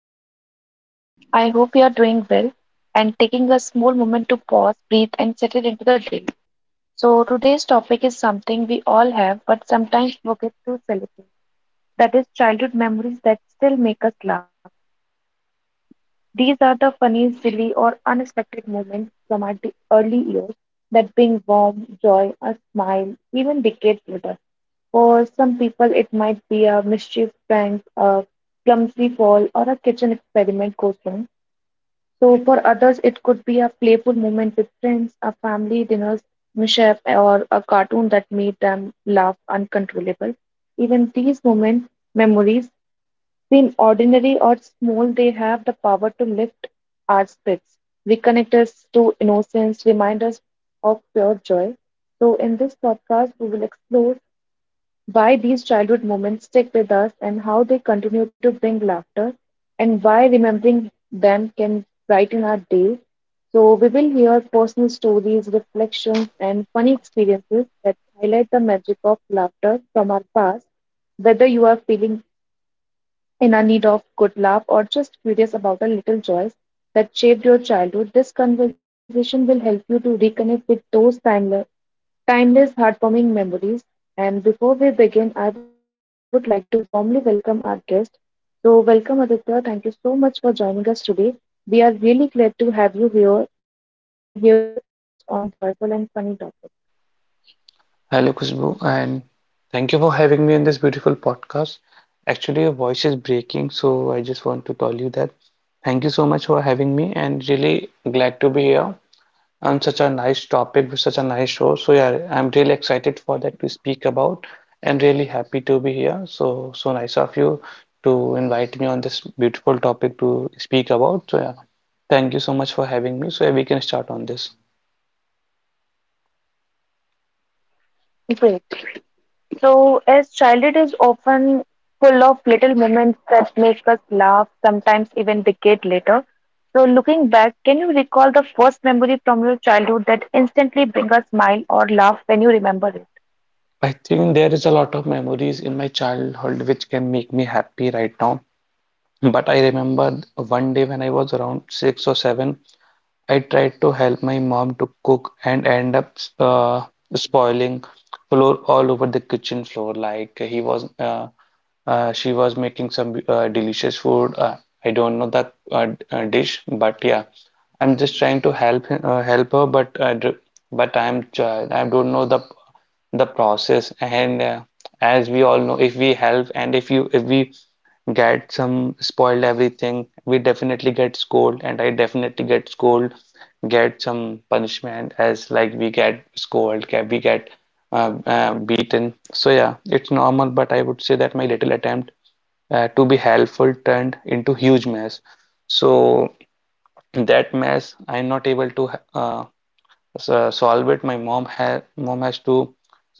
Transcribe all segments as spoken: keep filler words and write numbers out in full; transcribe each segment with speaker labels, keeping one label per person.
Speaker 1: to the podcast. I hope you are doing well and taking a small moment to pause, breathe, and settle into the day. So, today's topic is something we all have but sometimes forget to celebrate. That is childhood memories that still make us laugh. These are the funny, silly, or unexpected moments from our d- early years that bring warmth, joy, a smile, even decades later. For some people, it might be a mischief prank, a clumsy fall, or a kitchen experiment goes wrong. So for others, it could be a playful moment with friends, a family dinner's mishap, or a cartoon that made them laugh uncontrollable. Even these moments, memories, been ordinary or small, they have the power to lift our spirits, reconnect us to innocence, remind us of pure joy. So in this podcast, we will explore why these childhood moments stick with us and how they continue to bring laughter, and why remembering them can brighten our day. So, we will hear personal stories, reflections, and funny experiences that highlight the magic of laughter from our past, whether you are feeling in a need of good laugh or just curious about a little joys that shaped your childhood, this conversation will help you to reconnect with those timeless, timeless heartwarming memories. And before we begin, I would like to warmly welcome our guest. So, welcome Aditya. Thank you so much for joining us today. We are really glad to have you here and hear your thoughts on this joyful and funny topic.
Speaker 2: Hello, Khushbu, and thank you for having me in this beautiful podcast. Actually, your voice is breaking, so I just want to tell you that thank you so much for having me, and really glad to be here on such a nice topic with such a nice show. So yeah, I'm really excited for that to speak about and really happy to be here. So so nice of you to invite me on this beautiful topic to speak about. So yeah, thank you so much for having me. So yeah, we can start on this.
Speaker 1: Great. So, as childhood is often full of little moments that make us laugh, sometimes even decade later. So, looking back, can you recall the first memory from your childhood that instantly bring a smile or laugh when you remember it?
Speaker 2: I think there is a lot of memories in my childhood which can make me happy right now. But I remember one day when I was around six or seven, I tried to help my mom to cook and end up uh, spoiling flour all over the kitchen floor. Like he was, uh, uh, she was making some uh, delicious food. Uh, I don't know the uh, d- uh, dish, but yeah, I'm just trying to help him, uh, help her. But uh, dr- but I'm child. I don't know the the process. And uh, as we all know, if we help and if you if we get some spoiled everything. We definitely get scold, and I definitely get scold, get some punishment as like we get scold, get we get uh, uh, beaten. So yeah, it's normal, but I would say that my little attempt uh, to be helpful turned into huge mess. So that mess, I'm not able to uh, so, solve it. My mom had mom has to,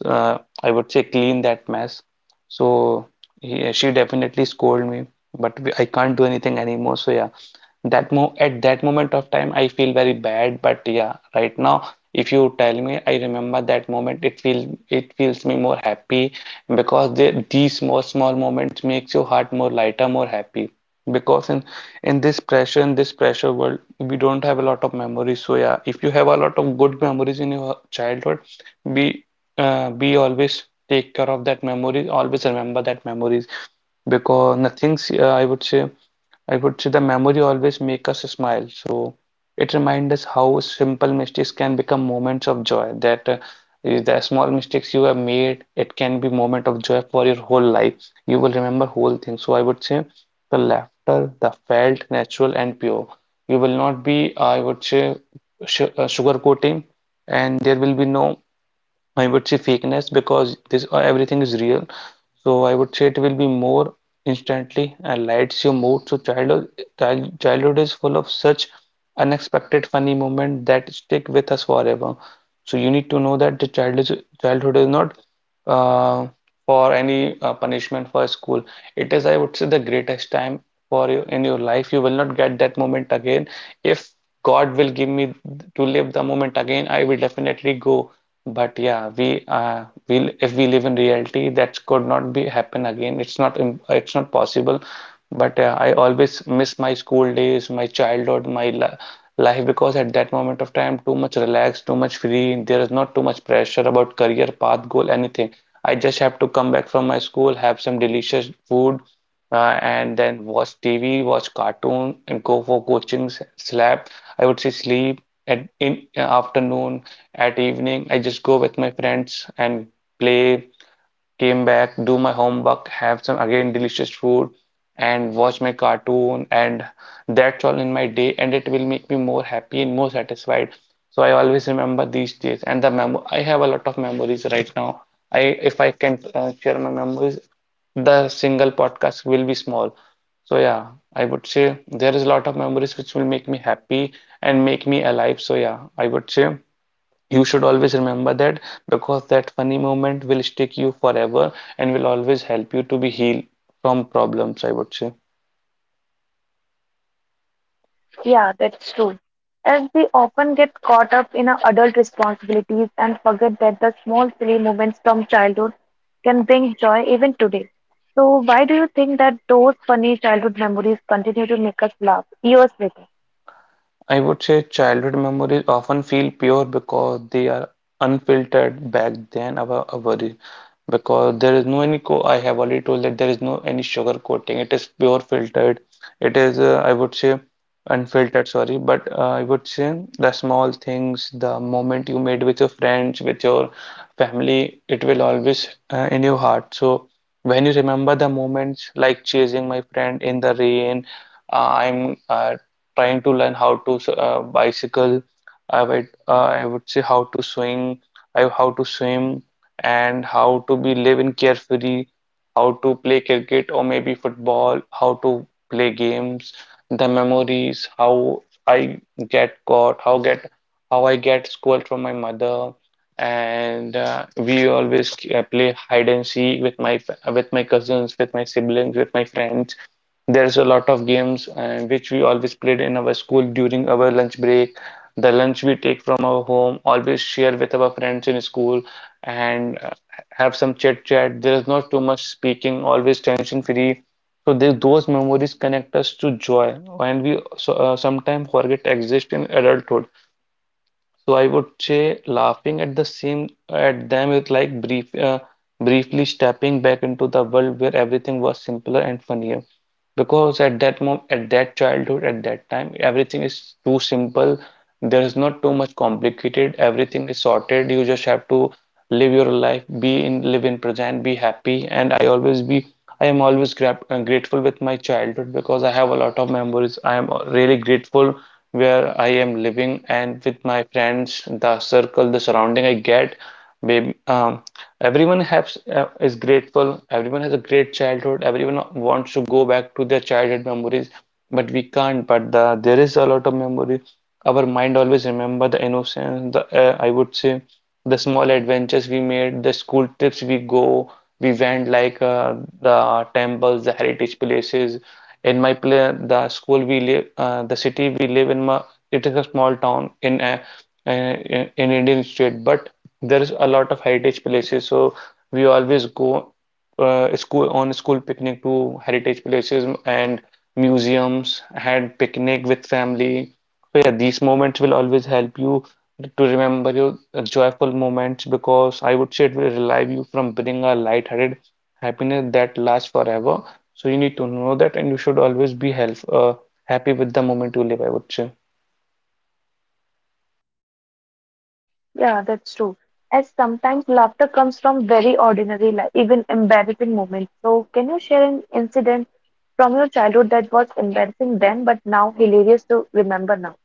Speaker 2: uh, I would say, clean that mess. So he, she definitely scolded me, but we, I can't do anything anymore. So yeah. That mo at that moment of time, I feel very bad. But yeah, right now, if you tell me, I remember that moment. It feel it feels me more happy because the, these small small moments makes your heart more lighter, more happy. Because in in this pressure, in this pressure world, we don't have a lot of memories. So yeah, if you have a lot of good memories in your childhood, be uh, be always take care of that memories. Always remember that memories because nothing. uh, I would say. I would say the memory always make us smile. So it reminds us how simple mistakes can become moments of joy. That uh, eh, the small mistakes you have made, it can be moment of joy for your whole life. You will remember whole thing. So I would say the laughter, the felt, natural and pure. You will not be, I would say, sh uh, sugarcoating, and there will be no, I would say, fakeness because this uh, everything is real. So I would say it will be more instantly and lights your mood. So childhood childhood is full of such unexpected funny moments that stick with us forever. So you need to know that the childhood childhood is not uh, for any uh, punishment for school. It is, I would say, the greatest time for you in your life. You will not get that moment again. If God will give me to live the moment again, I will definitely go but yeah, we uh, we if we live in reality, that could not be happen again. It's not im- it's not possible. But uh, I always miss my school days, my childhood, my li life because at that moment of time, too much relaxed, too much free. There is not too much pressure about career path, goal, anything. I just have to come back from my school, have some delicious food, uh, and then watch T V, watch cartoon, and go for coachings, slap. I would say sleep at in uh, afternoon at evening, I just go with my friends and play, came back, do my homework, have some again delicious food, and watch my cartoon, and that's all in my day, and it will make me more happy and more satisfied. So I always remember these days, and the mem I have a lot of memories right now. I if I can uh, share my memories, the single podcast will be small. So yeah, I would say there is a lot of memories which will make me happy and make me alive. So yeah, I would say you should always remember that because that funny moment will stick you forever and will always help you to be healed from problems, I would say.
Speaker 1: Yeah, that's true. As we often get caught up in our adult responsibilities and forget that the small silly moments from childhood can bring joy even today. So, why do you think that those funny childhood memories continue to make us laugh years later?
Speaker 2: I would say childhood memories often feel pure because they are unfiltered back then our our worries because there is no any co I have already told that there is no any sugar coating it is pure filtered it is uh, I would say unfiltered sorry but uh, I would say the small things the moment you made with your friends with your family it will always uh, in your heart so when you remember the moments like chasing my friend in the rain uh, I'm uh, trying to learn how to uh, bicycle. I would uh, I would say how to swing, I how to swim, and how to be live in carefree, how to play cricket or maybe football, how to play games, the memories, how I get caught, how get how I get scolded from my mother, and uh, we always uh, play hide and seek with my fa- with my cousins, with my siblings, with my friends there's a lot of games uh, which we always played in our school during our lunch break. The lunch we take from our home, always share with our friends in school and uh, have some chit chat. There is not too much speaking, always tension free. So the- those memories connect us to joy and we so, uh, sometimes forget exist in adulthood. So I would say laughing at the same at them is like brief, uh, briefly stepping back into the world where everything was simpler and funnier. Because at that moment, at that childhood, at that time, everything is too simple. There is not too much complicated. Everything is sorted. You just have to live your life, be in, live in present, be happy. And I always be, I am always gra uh, grateful with my childhood because I have a lot of memories. I am really grateful where I am living and with my friends, the circle, the surrounding I get, babe, um, everyone has uh, is grateful. Everyone has a great childhood. Everyone wants to go back to their childhood memories, but we can't. But the, there is a lot of memory. Our mind always remember the innocence, the uh, I would say the small adventures we made, the school trips we go. We went like uh, the temples, the heritage places, in my play, the school we live, uh, the city we live in, ma, it is a small town in a, uh, in in Indian state, but there is a lot of heritage places. So we always go uh, school on school picnic to heritage places and museums, had picnic with family. So yeah, these moments will always help you to remember your uh, joyful moments because I would say it will relieve you from bringing a lighthearted happiness that lasts forever. So you need to know that, and you should always be help, uh, happy with the moment you live, I would say.
Speaker 1: Yeah, that's true. As sometimes laughter comes from very ordinary, life, even embarrassing moments. So, can you share an incident from your childhood that was embarrassing then, but now hilarious to remember now?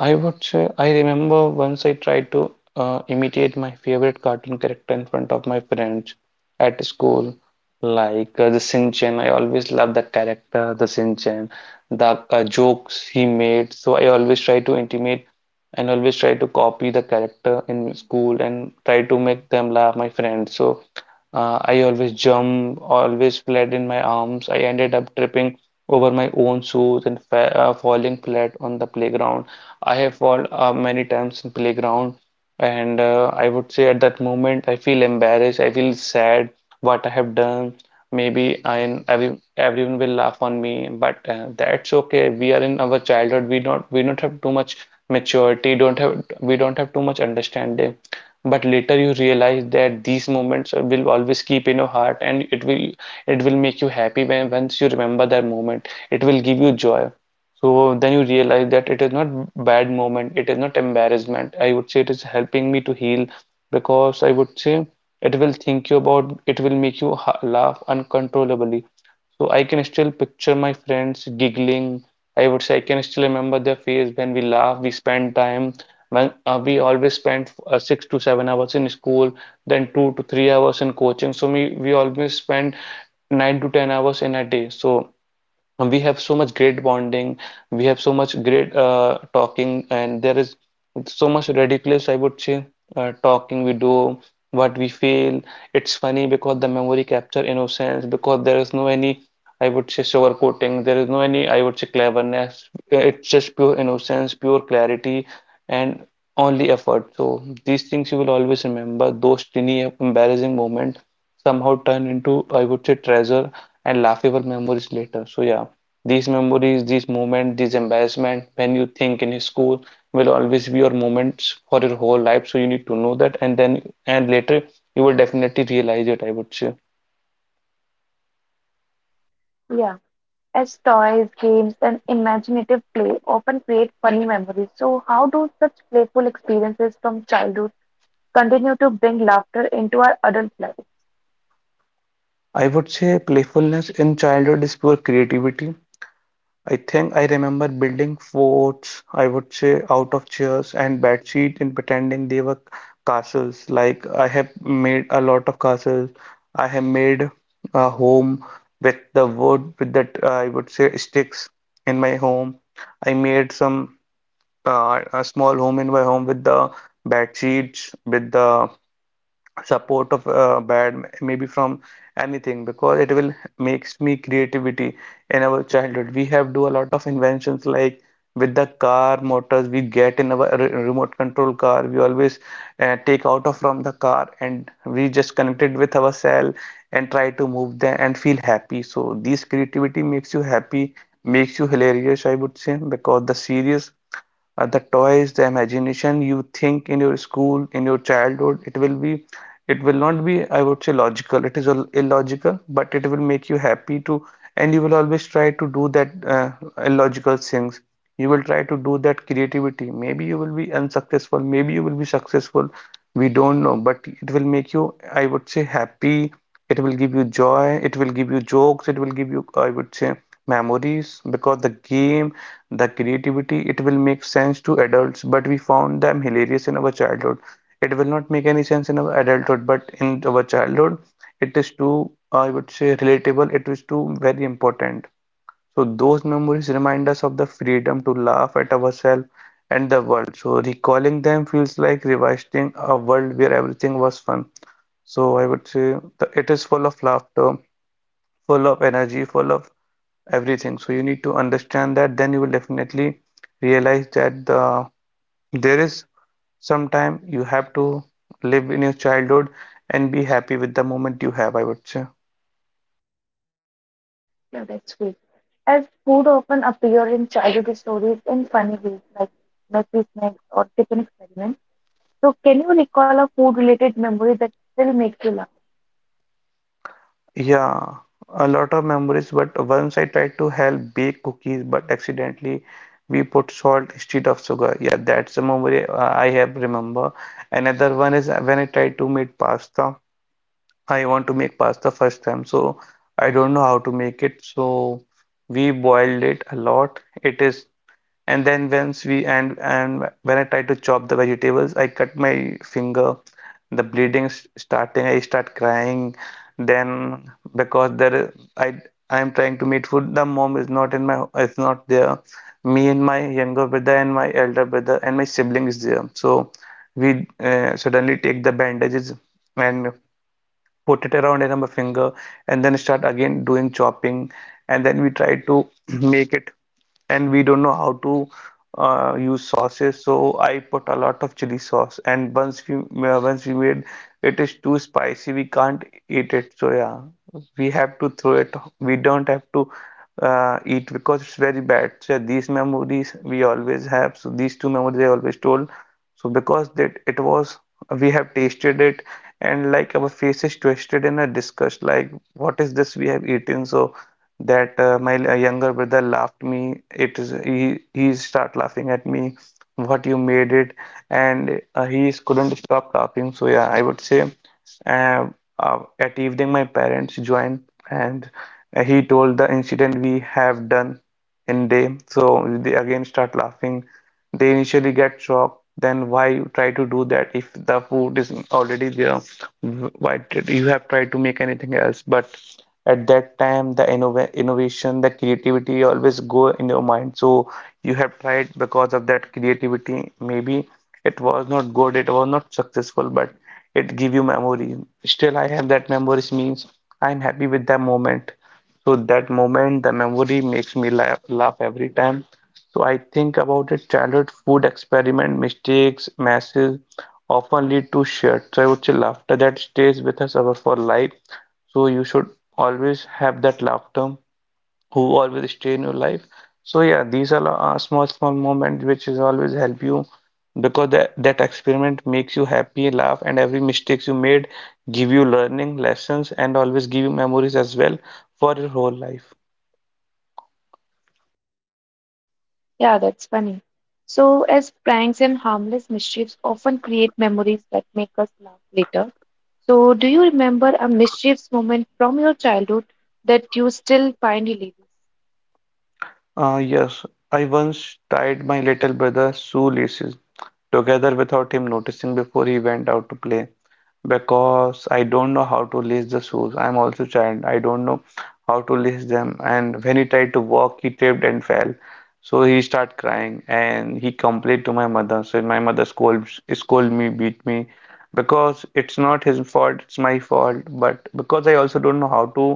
Speaker 2: I would say I remember once I tried to uh, imitate my favorite cartoon character in front of my friends at school, like uh, the Shinchan. I always loved that character, the Shinchan, the uh, jokes he made. So I always try to intimate and always try to copy the character in school and try to make them laugh, my friends. So uh, I always jump, always fled in my arms. I ended up tripping over my own shoes and fa uh, falling flat on the playground. I have fallen uh, many times in playground, and uh, I would say at that moment I feel embarrassed. I feel sad what I have done. Maybe I every, everyone will laugh on me, but uh, that's okay. We are in our childhood. We don't we don't have too much maturity. Don't have we don't have too much understanding. But later you realize that these moments will always keep in your heart, and it will it will make you happy when once you remember that moment. It will give you joy. So then you realize that it is not bad moment, it is not embarrassment. I would say it is helping me to heal because I would say it will think you about, it will make you ha laugh uncontrollably. So I can still picture my friends giggling. I would say I can still remember their face when we laugh, we spend time. When uh, we always spent uh, six to seven hours in school, then two to three hours in coaching. So we, we always spend nine to ten hours in a day. So and we have so much great bonding, we have so much great uh, talking, and there is so much ridiculous, I would say, uh, talking we do, what we feel. It's funny because the memory capture innocence, because there is no any, I would say, sugarcoating, there is no any, I would say, cleverness. Uh, It's just pure innocence, pure clarity, and only effort. So these things you will always remember, those teeny embarrassing moments somehow turn into, I would say, treasure and laughable memories later. So yeah. These memories, these moments, these embarrassment when you think in school will always be your moments for your whole life. So you need to know that, and then and later you will definitely realize it, I would say.
Speaker 1: Yeah. As toys, games, and imaginative play often create funny memories. So, how do such playful experiences from childhood continue to bring laughter into our adult life?
Speaker 2: I would say playfulness in childhood is pure creativity. I think I remember building forts, I would say, out of chairs and bed sheets and pretending they were castles. Like I have made a lot of castles. I have made a home with the wood, with that uh, I would say sticks in my home. I made some uh, a small home in my home with the bed sheets, with the support of uh, bad maybe from anything because it will makes me creativity. In our childhood we have do a lot of inventions like with the car motors we get in our re- remote control car we always uh, take out of from the car and we just connected with our cell and try to move them and feel happy. So this creativity makes you happy, makes you hilarious, I would say, because the serious uh, the toys, the imagination you think in your school, in your childhood, it will be, it will not be, I would say, logical. It is all illogical, but it will make you happy to, and you will always try to do that uh, illogical things. You will try to do that creativity. Maybe you will be unsuccessful, maybe you will be successful. We don't know, but it will make you, I would say, happy. It will give you joy. It will give you jokes. It will give you, I would say, memories because the game, the creativity, it will make sense to adults, but we found them hilarious in our childhood. It will not make any sense in our adulthood, but in our childhood, it is too, I would say, relatable. It is too very important. So those memories remind us of the freedom to laugh at ourselves and the world. So recalling them feels like revisiting a world where everything was fun. So I would say the, it is full of laughter, full of energy, full of everything. So you need to understand that, then you will definitely realize that the there is some time you have to live in your childhood and be happy with the moment you have, I would say.
Speaker 1: No, that's great. As food often appear in childhood stories in funny ways, like messy snacks or kitchen experiments. So, can you recall a food-related memory that still makes you laugh?
Speaker 2: Yeah, a lot of memories, but once I tried to help bake cookies but accidentally we put salt instead of sugar. Yeah, that's a memory uh, I have remember. Another one is when I tried to make pasta. I want to make pasta first time, so I don't know how to make it. So we boiled it a lot. It is, and then once we and and when I try to chop the vegetables, I cut my finger. The bleeding s- starting. I start crying. Then because there I I am trying to meet food. The mom is not in my is not there. Me and my younger brother and my elder brother and my sibling is there. So we uh, suddenly take the bandages and put it around in our finger and then start again doing chopping and then we try to make it, and we don't know how to uh, use sauces. So I put a lot of chili sauce, and once we uh, once we made it is too spicy we can't eat it. So yeah, we have to throw it, we don't have to uh, eat because it's very bad. So these memories we always have. So these two memories I always told, so because that it was, we have tasted it, and like our faces twisted in a disgust, like what is this we have eaten. So that uh, my l- younger brother laughed me, it is he he start laughing at me, what you made it, and uh, he is- couldn't stop laughing. So yeah, I would say uh, uh, at evening my parents joined, and he told the incident we have done in day, so they again start laughing. They initially get shocked, then why you try to do that if the food is already there, why did you have tried to make anything else. But at that time the innov innovation, the creativity always go in your mind, so you have tried because of that creativity. Maybe it was not good, it was not successful, but it give you memory. Still I have that memories, means I'm happy with that moment. So that moment, the memory makes me laugh, laugh every time. So I think about it, childhood food experiment mistakes messes often lead to shared, so I would say, laughter that stays with us ever for life. So you should always have that laughter who always stay in your life. So yeah, these are uh, small small moments which is always help you because that, that experiment makes you happy, laugh, and every mistakes you made give you learning lessons and always give you memories as well for your whole life.
Speaker 1: Yeah, that's funny. So, as pranks and harmless mischiefs often create memories that make us laugh later. So, do you remember a mischievous moment from your childhood that you still find hilarious?
Speaker 2: Uh, yes, I once tied my little brother's shoelaces together without him noticing before he went out to play. Because I don't know how to lace the shoes. I'm also child. I don't know how to lace them. And when he tried to walk, he tripped and fell. So he start crying and he complained to my mother. So my mother scold, scold me, beat me because it's not his fault, it's my fault. But because I also don't know how to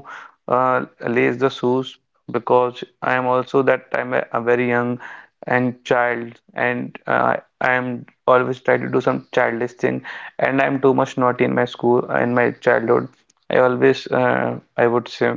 Speaker 2: uh, lace the shoes, because I am also that time a, a very young and child, and uh, I am always try to do some childish things, and I'm too much naughty in my school in my childhood. I always uh, I would say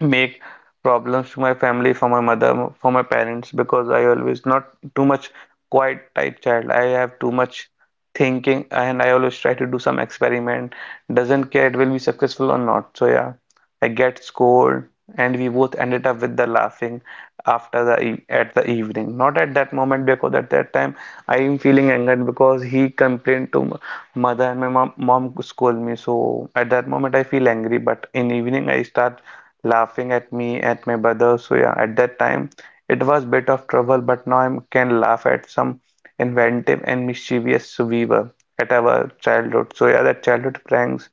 Speaker 2: make problems to my family, for my mother, for my parents, because I always not too much quiet type child. I have too much thinking and I always try to do some experiment. Doesn't care it will be successful or not. So yeah, I get scored, and we both ended up with the laughing after the e at the evening. Not at that moment, because at that time I am feeling angered because he complained to m- mother and my mom, mom scold me. So at that moment I feel angry, but in evening I start laughing at me, at my brother. So yeah, at that time it was a bit of trouble, but now I can laugh at some inventive and mischievous we were at our childhood. So yeah, that childhood pranks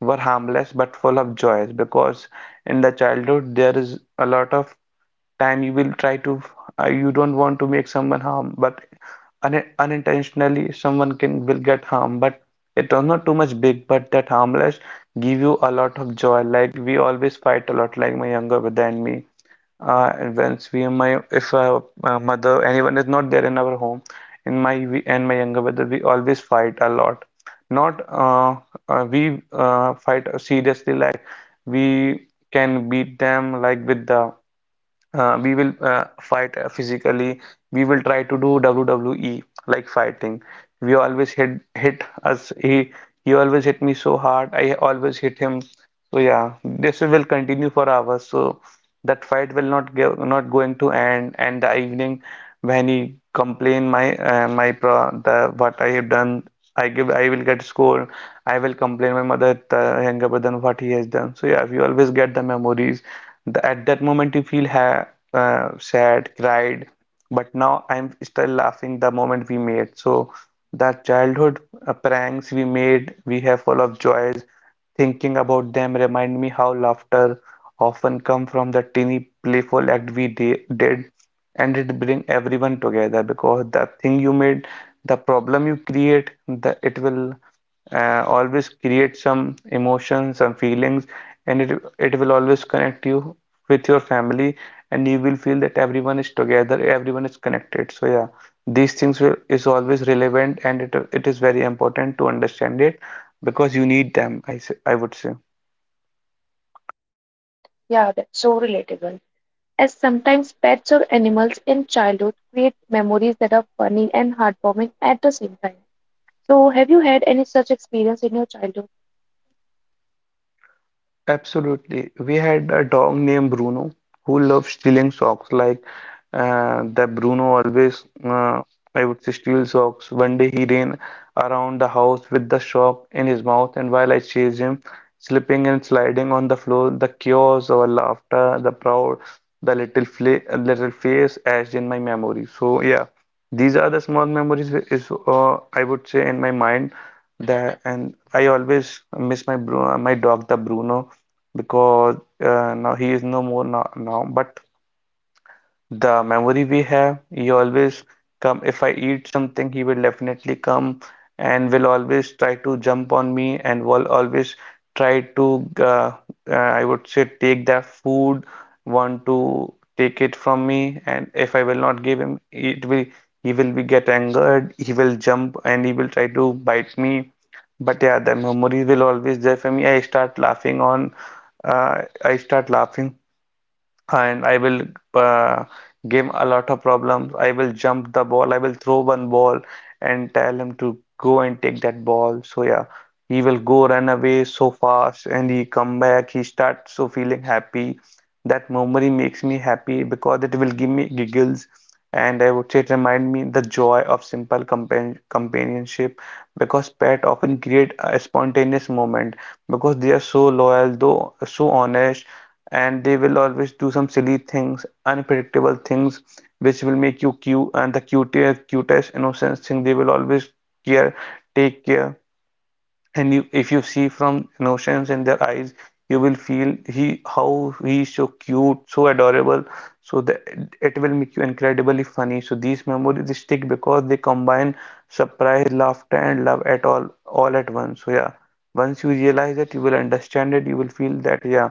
Speaker 2: were harmless but full of joys, because in the childhood there is a lot of time you will try to uh, you don't want to make someone harm, but un unintentionally someone can will get harm, but it was not too much big, but that harmless give you a lot of joy. Like we always fight a lot, like my younger brother and me uh, and once we and my if uh, my mother anyone is not there in our home, in my we and my younger brother we always fight a lot. Not uh, uh, we uh, fight seriously, like we can beat them, like with the uh, we will uh, fight uh, physically, we will try to do W W E like fighting. We always hit hit us, he he always hit me so hard, I always hit him. So yeah, this will continue for hours. So that fight will not go not going to end, and the evening when he complain my uh, my pro the what I have done, I give I will get scold. I will complain my mother the younger brother what he has done. So yeah, we always get the memories, the, at that moment, you feel ha uh, sad, cried, but now I'm still laughing the moment we made. So that childhood uh, pranks we made, we have full of joys. Thinking about them remind me how laughter often come from the teeny playful act we de- did, and it bring everyone together because the thing you made, the problem you create, the it will uh, always create some emotions, some feelings, and it it will always connect you with your family, and you will feel that everyone is together, everyone is connected. So yeah, these things will is always relevant, and it it is very important to understand it because you need them. I say, I would say.
Speaker 1: Yeah, that's so relatable. As sometimes pets or animals in childhood create memories that are funny and heartwarming at the same time. So, have you had any such experience in your childhood?
Speaker 2: Absolutely. We had a dog named Bruno who loved stealing socks. Like uh, that Bruno always, uh, I would say, steal socks. One day he ran around the house with the sock in his mouth, and while I chased him, slipping and sliding on the floor, the chaos, our laughter, the proud, the little fla little face etched in my memory. So yeah, these are the small memories whi- is uh, I would say in my mind that, and I always miss my Bruno, my dog, the Bruno because uh, now he is no more now, now but the memory we have. He always come if I eat something, he will definitely come and will always try to jump on me and will always try to uh, uh, I would say take that food, want to take it from me, and if I will not give him, it will he will be get angered, he will jump and he will try to bite me. But yeah, the memories will always there for me. I start laughing on, uh, I start laughing and I will uh, give a lot of problems. I will jump the ball. I will throw one ball and tell him to go and take that ball. So yeah, he will go run away so fast and he come back. He starts so feeling happy. That memory makes me happy because it will give me giggles. And I would say it remind me the joy of simple compan companionship because pet often create a spontaneous moment because they are so loyal, though so honest and they will always do some silly things, unpredictable things, which will make you cute and the cutest, cutest, innocent thing. They will always care, take care and you, if you see from notions in their eyes you will feel he how he is so cute so adorable so that it will make you incredibly funny. So these memories stick because they combine surprise laughter and love at all all at once. So yeah, once you realize that you will understand it, you will feel that yeah,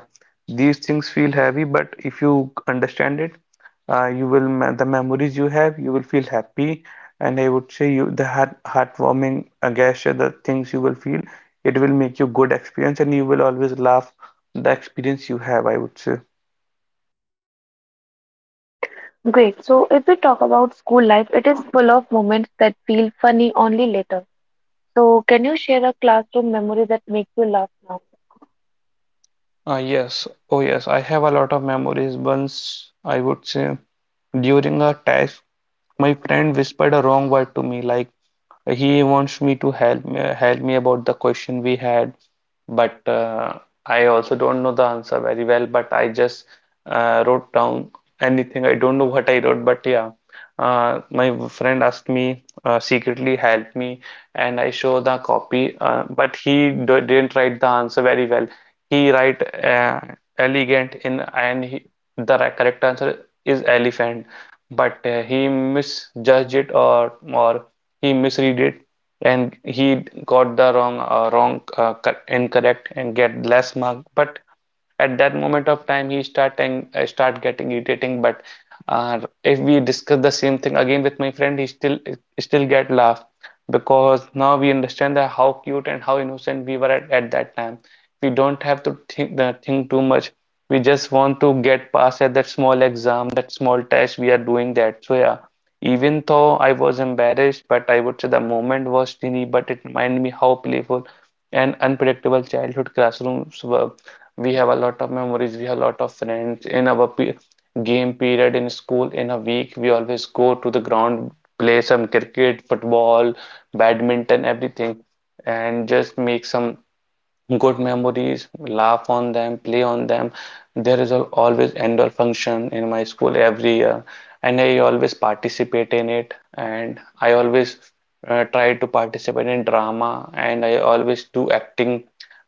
Speaker 2: these things feel heavy but if you understand it, uh, you will me- the memories you have you will feel happy. And I would say you the heart heartwarming uh, gesture the things you will feel it will make you good experience and you will always love the experience you have, I would say.
Speaker 1: Great. So, if we talk about school life, it is full of moments that feel funny only later. So, can you share a classroom memory that makes you laugh now?
Speaker 2: Ah, yes, oh yes, I have a lot of memories. Once I would say during a test, my friend whispered a wrong word to me, like he wants me to help me, help me about the question we had, but uh, I also don't know the answer very well. But I just uh, wrote down anything. I don't know what I wrote, but yeah. Uh, my friend asked me uh, secretly help me, and I show the copy. Uh, but he d didn't write the answer very well. He write uh, elegant in, and he, the correct answer is elephant but uh, he misjudged it or or he misread it and he got the wrong uh, wrong uh, incorrect and get less mark. But at that moment of time he starting uh, start getting irritating. But uh, if we discuss the same thing again with my friend he still he still get laugh because now we understand that how cute and how innocent we were at, at that time, we don't have to think, uh, think too much, we just want to get past at that small exam, that small test we are doing that. So yeah, even though I was embarrassed, but I would say the moment was teeny but it reminded me how playful and unpredictable childhood classrooms were. We have a lot of memories, we have a lot of friends in our pe game period in school. In a week we always go to the ground, play some cricket, football, badminton, everything, and just make some good memories, laugh on them, play on them. There is a, always annual function in my school every year, and I always participate in it. And I always uh, try to participate in drama, and I always do acting.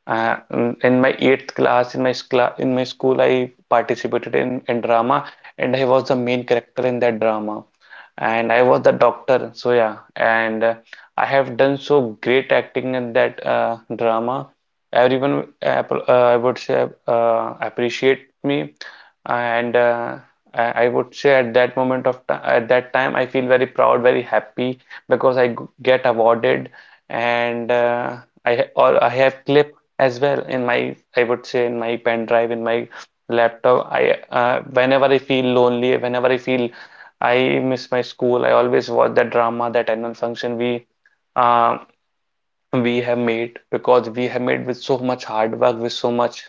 Speaker 2: Uh, in my eighth class, in my cla in my school, I participated in, in drama, and I was the main character in that drama and I was the doctor, so yeah, and uh, I have done so great acting in that uh, drama. Everyone uh, I would say uh, appreciate me and uh, I would say at that moment of time at that time I feel very proud, very happy because I get awarded and uh, I or I have clip as well in my, I would say, in my pen drive, in my laptop. I uh, Whenever I feel lonely, whenever I feel I miss my school, I always watch that drama, that annual function we um we have made because we have made with so much hard work, with so much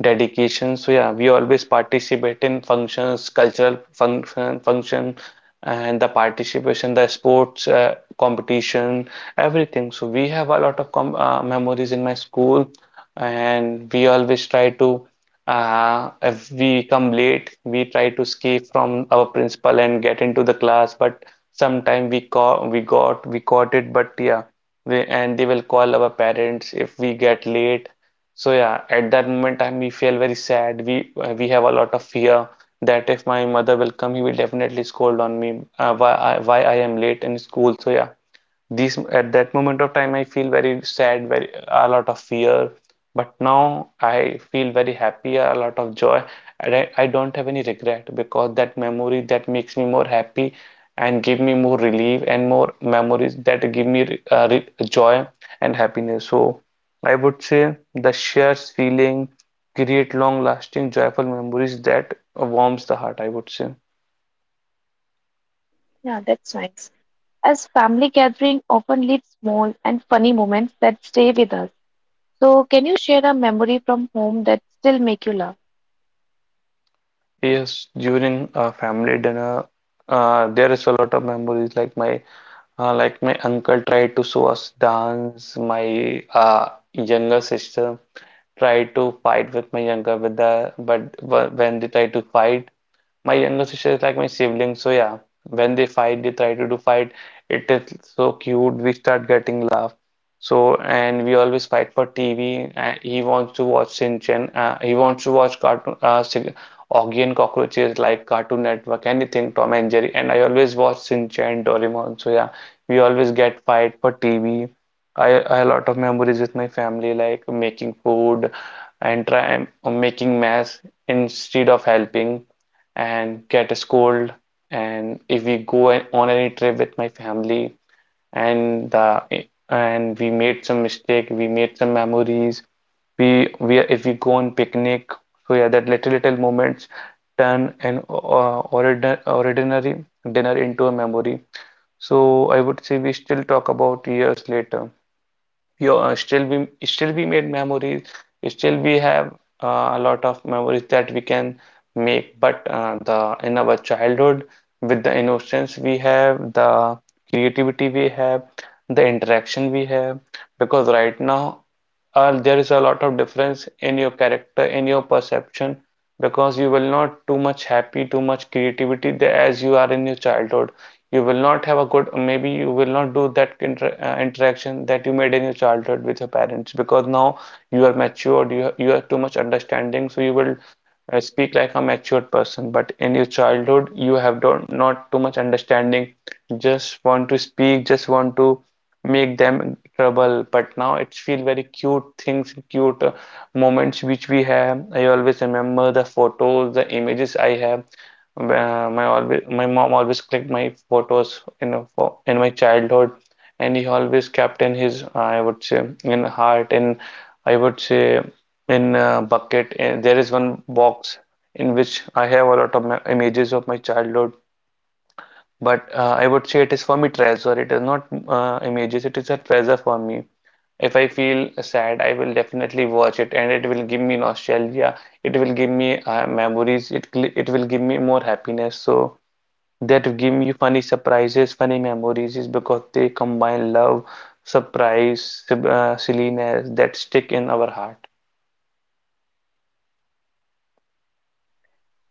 Speaker 2: dedication. So yeah, we always participate in functions, cultural function, function, and the participation, the sports uh, competition, everything. So we have a lot of com uh, memories in my school, and we always try to. Uh, if we come late, we try to escape from our principal and get into the class, but sometime we caught we got we caught it, but yeah they, and they will call our parents if we get late. So yeah, at that moment time we feel very sad. We uh, we have a lot of fear that if my mother will come, he will definitely scold on me uh, why I, why I am late in school. So yeah, these at that moment of time, I feel very sad, very a lot of fear. But now I feel very happy, a lot of joy, and I, I don't have any regret because that memory that makes me more happy and give me more relief and more memories that give me uh, joy and happiness. So I would say the shared feeling create long-lasting joyful memories that warms the heart, I would say.
Speaker 1: Yeah, that's nice. As family gathering often leaves small and funny moments that stay with us. So, can you share a memory from home that still make you laugh?
Speaker 2: Yes, during a family dinner, uh, there is a lot of memories. Like my uh, like my uncle tried to show us dance. My uh, younger sister tried to fight with my younger brother, but wh- when they tried to fight, my younger sister is like my sibling, so yeah, when they fight, they try to do fight. It is so cute. We start getting laugh. So and we always fight for T V. Uh, he wants to watch Shinchan. Uh, he wants to watch cartoon, uh, Sig- Augie and Cockroaches like Cartoon Network, anything Tom and Jerry. And I always watch Shinchan, Doraemon. So yeah, we always get fight for T V. I, I a lot of memories with my family, like making food and try and making mess instead of helping and get a scold. And if we go on any trip with my family and the and we made some mistake, we made some memories. We we if we go on picnic, so yeah, that little little moments turn an uh, ordi- ordinary dinner into a memory. So I would say we still talk about years later you uh, still we still we made memories, still we have uh, a lot of memories that we can make but uh, the in our childhood with the innocence we have, the creativity we have, the interaction we have, because right now uh, there is a lot of difference in your character, in your perception, because you will not too much happy, too much creativity the- as you are in your childhood. You will not have a good maybe you will not do that inter uh, interaction that you made in your childhood with your parents because now you are matured you, you have too much understanding so you will I speak like a matured person, but in your childhood, you have don't, not too much understanding. Just want to speak, just want to make them trouble. But now it's feel very cute things, cute uh, moments which we have. I always remember the photos, the images I have. Uh, my always, my mom always clicked my photos in a in my childhood, and he always kept in his, I would say, in heart, and I would say in a bucket and there is one box in which I have a lot of my images of my childhood but uh, I would say it is for me treasure, it is not uh, images, it is a treasure for me. If I feel sad I will definitely watch it and it will give me nostalgia, it will give me uh, memories, it it will give me more happiness. So that give me funny surprises, funny memories is because they combine love, surprise, uh, silliness that stick in our heart.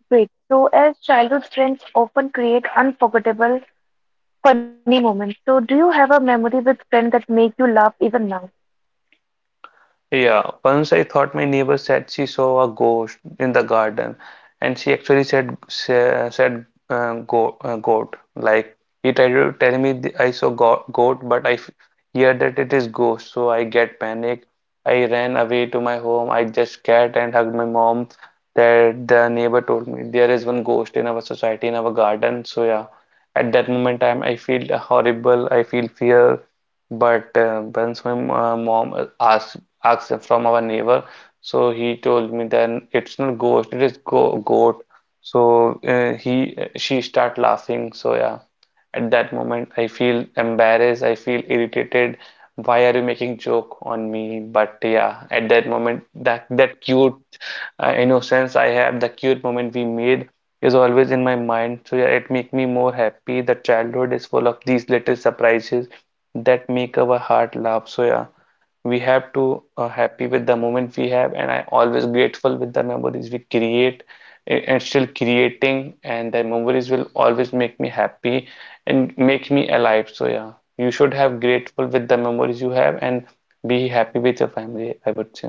Speaker 1: Great. So, as childhood friends often create unforgettable, funny moments. So, do you have a memory with friends that make you laugh even now?
Speaker 2: Yeah, once I thought my neighbor said she saw a ghost in the garden, and she actually said sa- said uh, go, uh, goat. Like he tried to tell me the, I saw go goat, but I f hear that it is ghost, so I get panic. I ran away to my home. I just scared and hugged my mom. That the neighbor told me there is one ghost in our society in our garden. So yeah, at that moment I'm I feel horrible. I feel fear. But uh, once my m- uh, mom uh, asked asked from our neighbor. So he told me then it's not ghost, it is go goat. So uh, he she start laughing. So yeah, at that moment I feel embarrassed, I feel irritated. Why are you making joke on me? But yeah, at that moment that that cute uh, innocence I have, the cute moment we made is always in my mind. So yeah, it make me more happy. The childhood is full of these little surprises that make our heart laugh. So yeah, we have to uh, happy with the moment we have and I always grateful with the memories we create and still creating and the memories will always make me happy and make me alive. So yeah, you should have grateful with the memories you have and be happy with your family, I would say.